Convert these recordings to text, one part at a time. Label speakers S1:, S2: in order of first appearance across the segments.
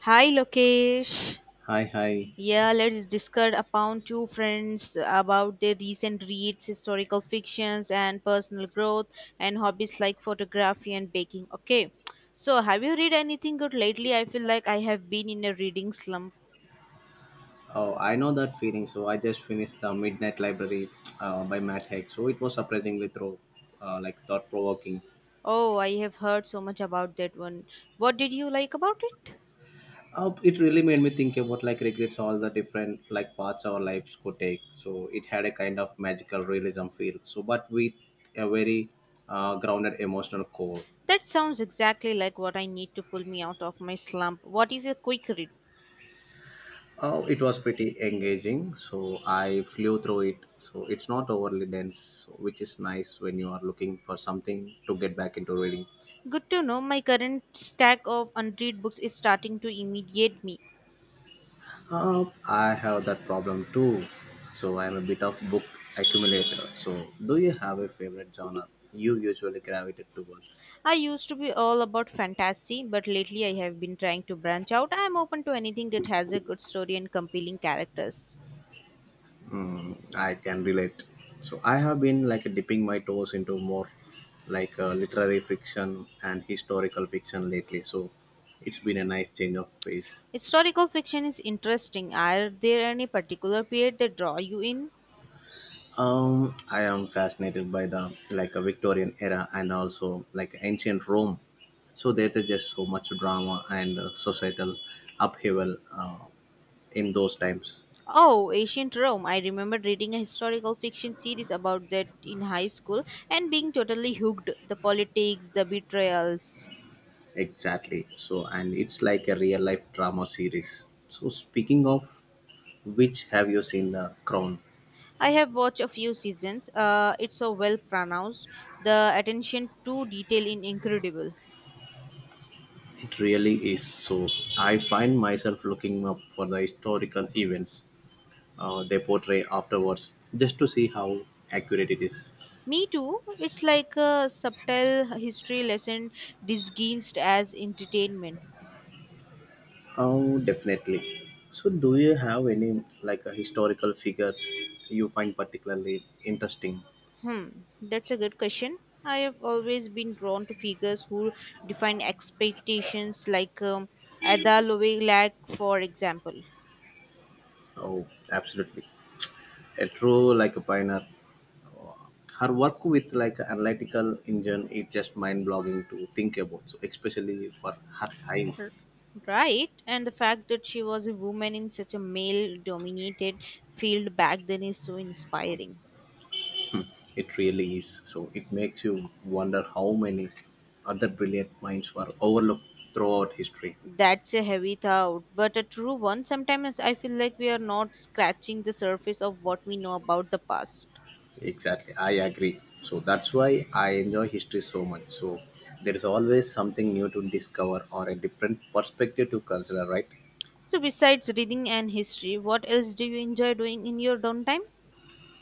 S1: Hi Lokesh.
S2: Hi, hi.
S1: Yeah, let's discuss upon two friends about their recent reads, historical fictions, and personal growth, and hobbies like photography and baking. Okay, so have you read anything good lately? I feel like I have been in a reading slump.
S2: Oh, I know that feeling. So I just finished the Midnight Library by Matt Haig. So it was surprisingly through, like thought provoking.
S1: Oh, I have heard so much about that one. What did you like about it?
S2: It really made me think about like regrets, all the different like paths our lives could take. So it had a kind of magical realism feel. So, but with a very grounded emotional core.
S1: That sounds exactly like what I need to pull me out of my slump. What is a quick read?
S2: Oh, it was pretty engaging. So I flew through it. So it's not overly dense, so which is nice when you are looking for something to get back into reading.
S1: Good to know my current stack of unread books is starting to immediate me.
S2: I have that problem too. So I'm a bit of book accumulator. So do you have a favorite genre you usually gravitate towards?
S1: I used to be all about fantasy, but lately I have been trying to branch out. I am open to anything that has a good story and compelling characters.
S2: Hmm, I can relate. So I have been like dipping my toes into more like literary fiction and historical fiction lately. So it's been a nice change of pace.
S1: Historical fiction is interesting. Are there any particular period that draw you in?
S2: I am fascinated by the like a Victorian era and also like ancient Rome. So there's a just so much drama and societal upheaval in those times.
S1: Oh, ancient Rome. I remember reading a historical fiction series about that in high school and being totally hooked. The politics, the betrayals.
S2: Exactly. So and it's like a real life drama series. So speaking of which, have you seen The Crown?
S1: I have watched a few seasons. It's so well pronounced. The attention to detail in incredible.
S2: It really is. So I find myself looking up for the historical events they portray afterwards, just to see how accurate it is.
S1: Me too. It's like a subtle history lesson disguised as entertainment.
S2: Oh, definitely. So, do you have any like historical figures you find particularly interesting?
S1: Hmm, that's a good question. I have always been drawn to figures who define expectations, like Ada Lovelace, for example.
S2: Oh, absolutely. A true like a pioneer. Her work with like an analytical engine is just mind-blogging to think about. So, especially for her time,
S1: R- Right, and the fact that she was a woman in such a male dominated field back then is so inspiring.
S2: it really is. So, it makes you wonder how many other brilliant minds were overlooked throughout history.
S1: That's a heavy thought, but a true one. Sometimes I feel like we are not scratching the surface of what we know about the past.
S2: Exactly, I agree. So that's why I enjoy history so much. So there is always something new to discover or a different perspective to consider, right?
S1: So, besides reading and history, what else do you enjoy doing in your downtime?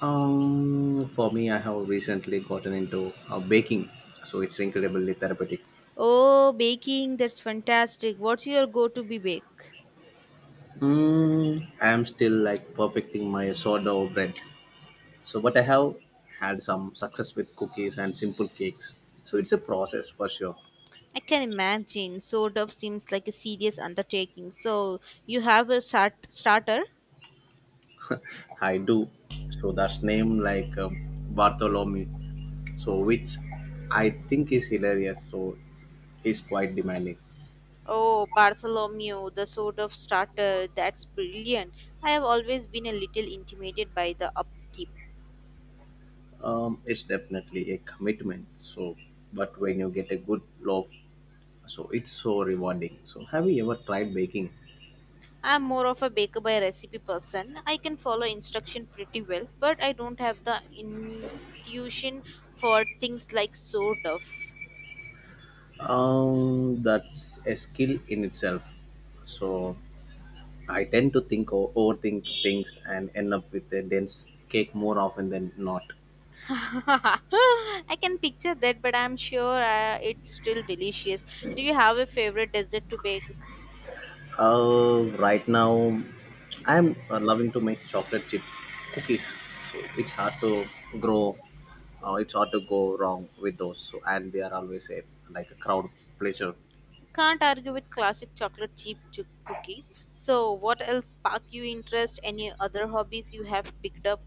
S2: For me, I have recently gotten into baking, so it's incredibly therapeutic.
S1: Oh, baking, that's fantastic. What's your go to be bake?
S2: Mm, I am still like perfecting my sourdough bread. So, but I have had some success with cookies and simple cakes. So it's a process for sure.
S1: I can imagine. Sort of seems like a serious undertaking. So, you have a starter?
S2: I do. So that's name like Bartholomew. So which I think is hilarious. So he's quite demanding.
S1: Oh, Bartholomew, the sort of starter. That's brilliant. I have always been a little intimidated by the upkeep.
S2: It's definitely a commitment. So, but when you get a good loaf, so it's so rewarding. So, have you ever tried baking?
S1: I'm more of a baker by recipe person. I can follow instruction pretty well, but I don't have the intuition for things like sort of.
S2: That's a skill in itself. So, I tend to think or overthink things and end up with a dense cake more often than not.
S1: I can picture that, but I'm sure it's still delicious. Do you have a favorite dessert to bake?
S2: Right now, I'm loving to make chocolate chip cookies. So it's hard to grow. It's hard to go wrong with those. So and they are always a like a crowd pleasure.
S1: Can't argue with classic chocolate chip cookies. So, what else sparked your interest? Any other hobbies you have picked up?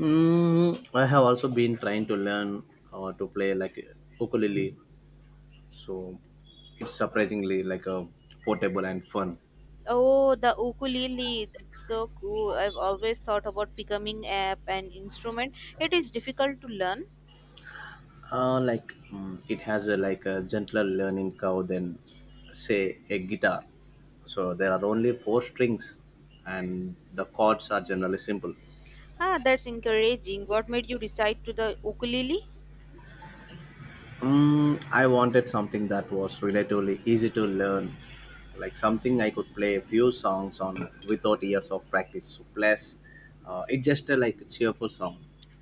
S2: Mm, I have also been trying to learn to play like ukulele. So it's surprisingly like a portable and fun.
S1: Oh, the ukulele. That's so cool. I've always thought about becoming a an instrument. It is difficult to learn.
S2: It has a like a gentler learning curve than say a guitar. So there are only four strings, and the chords are generally simple.
S1: Ah, that's encouraging. What made you decide to the ukulele?
S2: Mm, I wanted something that was relatively easy to learn, like something I could play a few songs on without years of practice. So plus, it's just a like cheerful song.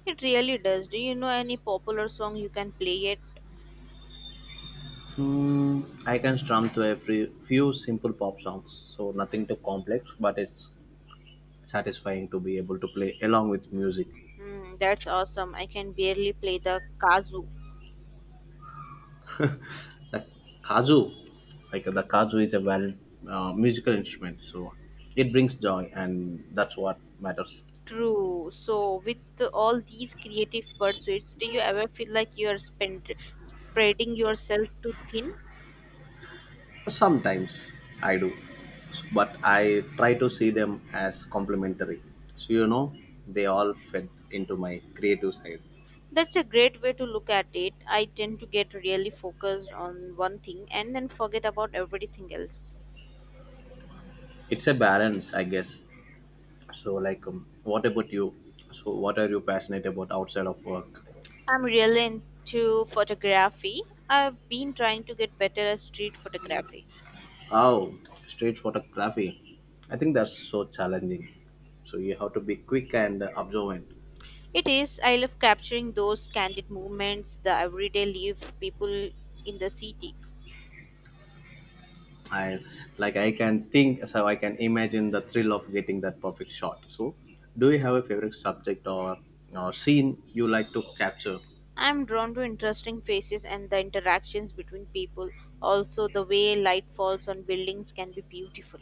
S1: It really does. Do you know any popular song you can play it?
S2: Hmm, I can strum to a few simple pop songs, so nothing too complex, but it's satisfying to be able to play along with music.
S1: Hmm, that's awesome. I can barely play the kazoo.
S2: Kazoo, like the kazoo is a valid musical instrument, so it brings joy, and that's what matters.
S1: True. So, with all these creative pursuits, do you ever feel like you are spreading yourself too thin?
S2: Sometimes I do, but I try to see them as complementary. So, you know, they all fed into my creative side.
S1: That's a great way to look at it. I tend to get really focused on one thing and then forget about everything else.
S2: It's a balance, I guess. So, like, what about you? So, what are you passionate about outside of work?
S1: I'm really into photography. I've been trying to get better at street photography.
S2: Oh, street photography. I think that's so challenging. So you have to be quick and observant.
S1: It is, I love capturing those candid moments, the everyday life people in the city.
S2: I like I can think so I can imagine the thrill of getting that perfect shot. So do you have a favorite subject or scene you like to capture?
S1: I'm drawn to interesting faces and the interactions between people. Also, the way light falls on buildings can be beautiful.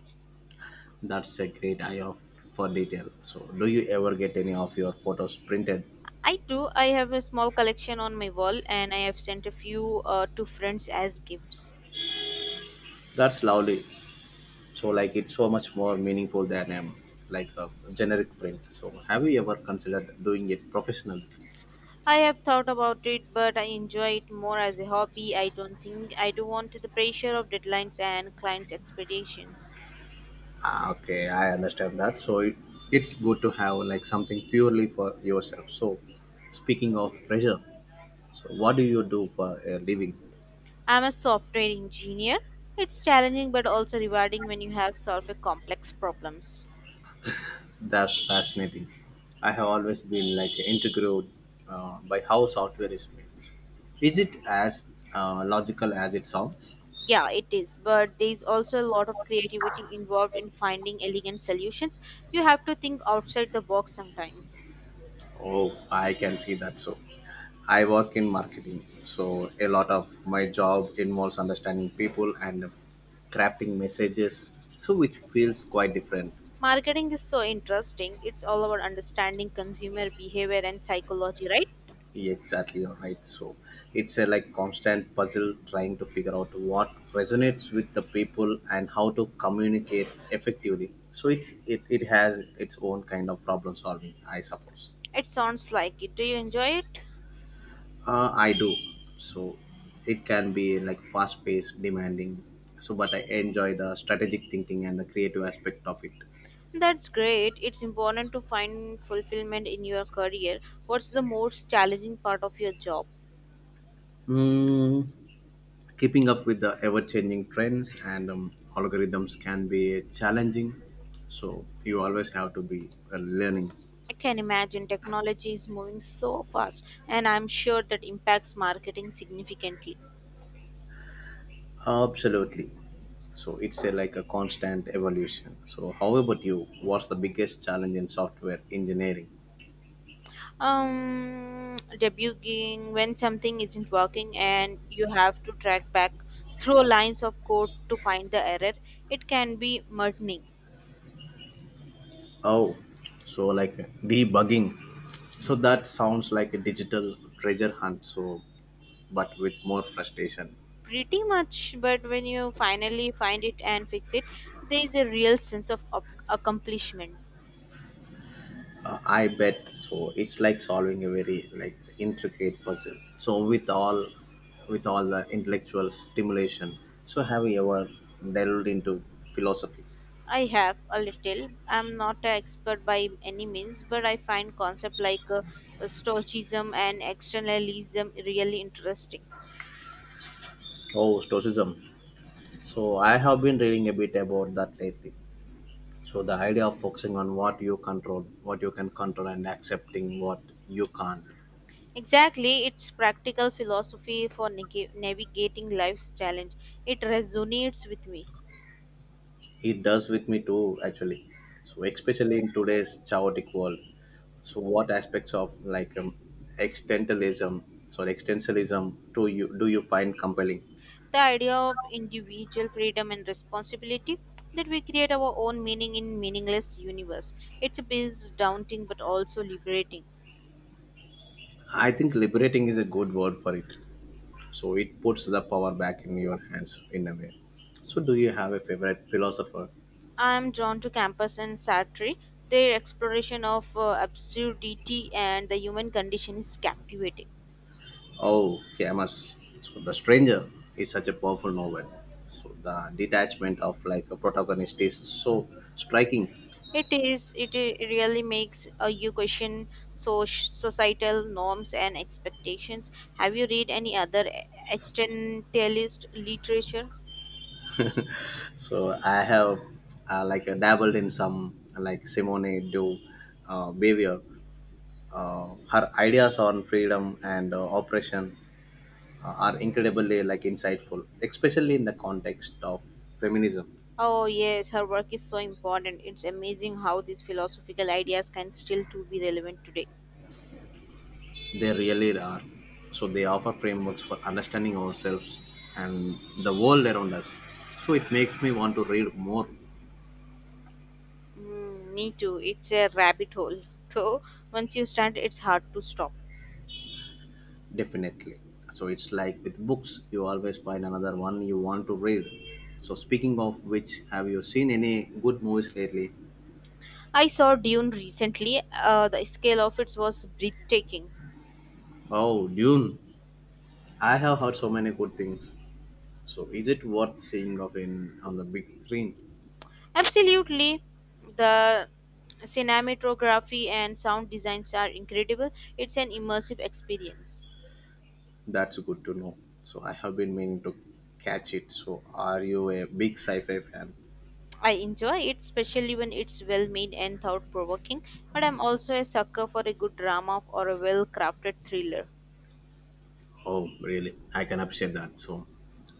S2: That's a great eye of for detail. So do you ever get any of your photos printed?
S1: I do. I have a small collection on my wall, and I have sent a few to friends as gifts.
S2: That's lovely. So like it's so much more meaningful than like a generic print. So have you ever considered doing it professionally?
S1: I have thought about it, but I enjoy it more as a hobby. I don't think I do want the pressure of deadlines and clients' expectations.
S2: Ah, okay, I understand that so it's good to have like something purely for yourself. So speaking of pressure, so what do you do for a living?
S1: I'm a software engineer. It's challenging but also rewarding when you have solved a complex problems.
S2: That's fascinating. I have always been like intrigued by how software is made. Is it as logical as it sounds?
S1: Yeah, it is, but there's also a lot of creativity involved in finding elegant solutions. You have to think outside the box sometimes.
S2: Oh, I can see that. So I work in marketing, so a lot of my job involves understanding people and crafting messages, so which feels quite different.
S1: Marketing is so interesting. It's all about understanding consumer behavior and psychology, right?
S2: Yeah, exactly, you're right. So it's a like constant puzzle trying to figure out what resonates with the people and how to communicate effectively. So it has its own kind of problem solving, I suppose.
S1: It sounds like it. Do you enjoy it?
S2: I do, so it can be like fast paced demanding. So but I enjoy the strategic thinking and the creative aspect of it.
S1: That's great. It's important to find fulfillment in your career. What's the most challenging part of your job?
S2: Mm, keeping up with the ever-changing trends and algorithms can be challenging, so you always have to be learning.
S1: I can imagine technology is moving so fast, and I'm sure that impacts marketing significantly.
S2: Absolutely. So it's like a constant evolution. So how about you, what's the biggest challenge in software engineering?
S1: Debugging when something isn't working and you have to track back through lines of code to find the error. It can be maddening,
S2: Oh, so like debugging, so that sounds like a digital treasure hunt, so but with more frustration.
S1: pretty much, but when you finally find it and fix it, there is a real sense of accomplishment.
S2: I bet so. It's like solving a very like intricate puzzle. So with all the intellectual stimulation. So have you ever delved into philosophy?
S1: I have a little. I'm not an expert by any means, but I find concepts like stoicism and externalism really interesting.
S2: Oh, stoicism. So I have been reading a bit about that lately. So the idea of focusing on what you can control, and accepting what you can't.
S1: Exactly, it's practical philosophy for navigating life's challenge. It resonates with me.
S2: It does with me too, actually. So especially in today's chaotic world. So what aspects of like existentialism do you find compelling?
S1: The idea of individual freedom and responsibility that we create our own meaning in meaningless universe. It's a bit daunting but also liberating.
S2: I think liberating is a good word for it. So it puts the power back in your hands in a way. So do you have a favorite philosopher?
S1: I am drawn to Campus and Sartre. Their exploration of absurdity and the human condition is captivating.
S2: Oh, Camus. So The Stranger is such a powerful novel. So the detachment of like a protagonist is so striking.
S1: It is. Really makes you question so societal norms and expectations. Have you read any other existentialist literature?
S2: So I have like dabbled in some like Simone de Behavior. Her ideas on freedom and oppression are incredibly like insightful, especially in the context of feminism.
S1: Oh yes, her work is so important. It's amazing how these philosophical ideas can still to be relevant today.
S2: They really are. So they offer frameworks for understanding ourselves and the world around us. So it makes me want to read more.
S1: Mm, me too. It's a rabbit hole. So once you start, it's hard to stop.
S2: Definitely. So it's like with books, you always find another one you want to read. So speaking of which, have you seen any good movies lately?
S1: I saw Dune recently. The scale of it was breathtaking.
S2: Oh, Dune. I have heard so many good things. So, is it worth seeing of in on the big screen?
S1: Absolutely, the Cinematography and sound designs are incredible. It's an immersive experience.
S2: That's good to know. So, I have been meaning to catch it. So, are you a big sci-fi fan?
S1: I enjoy it, especially when it's well made and thought provoking, but I'm also a sucker for a good drama or a well crafted thriller.
S2: Oh, really? I can appreciate that. So,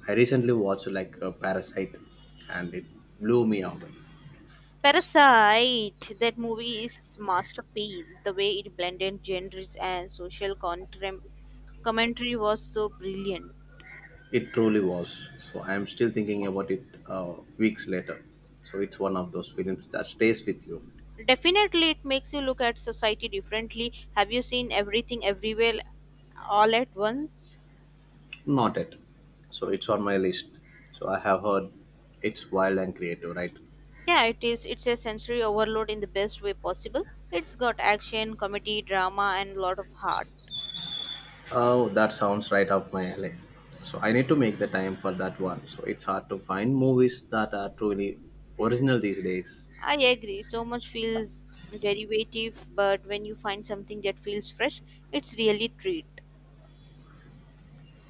S2: I recently watched like a Parasite, and it blew me away.
S1: Parasite, that movie is masterpiece. The way it blended genres and social commentary was so brilliant.
S2: It truly was. So, I am still thinking about it weeks later. So, it's one of those films that stays with you.
S1: Definitely, it makes you look at society differently. Have you seen everything everywhere all at once?
S2: Not it. So, it's on my list. So, I have heard it's wild and creative, right?
S1: Yeah, it is. It's a sensory overload in the best way possible. It's got action, comedy, drama, and a lot of heart.
S2: Oh, that sounds right up my alley. So I need to make the time for that one. So it's hard to find movies that are truly original these days.
S1: I agree. So much feels derivative, but when you find something that feels fresh, it's really treat.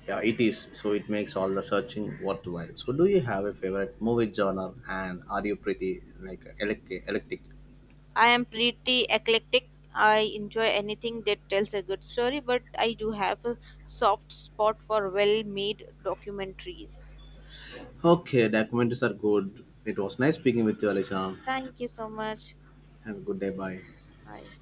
S2: Yeah, it is. So it makes all the searching worthwhile. So do you have a favorite movie genre and are you pretty like electric?
S1: I am pretty eclectic. I enjoy anything that tells a good story, but I do have a soft spot for well-made documentaries.
S2: Okay, documentaries are good. It was nice speaking with you, Alicia.
S1: Thank you so much.
S2: Have a good day. Bye.
S1: Bye.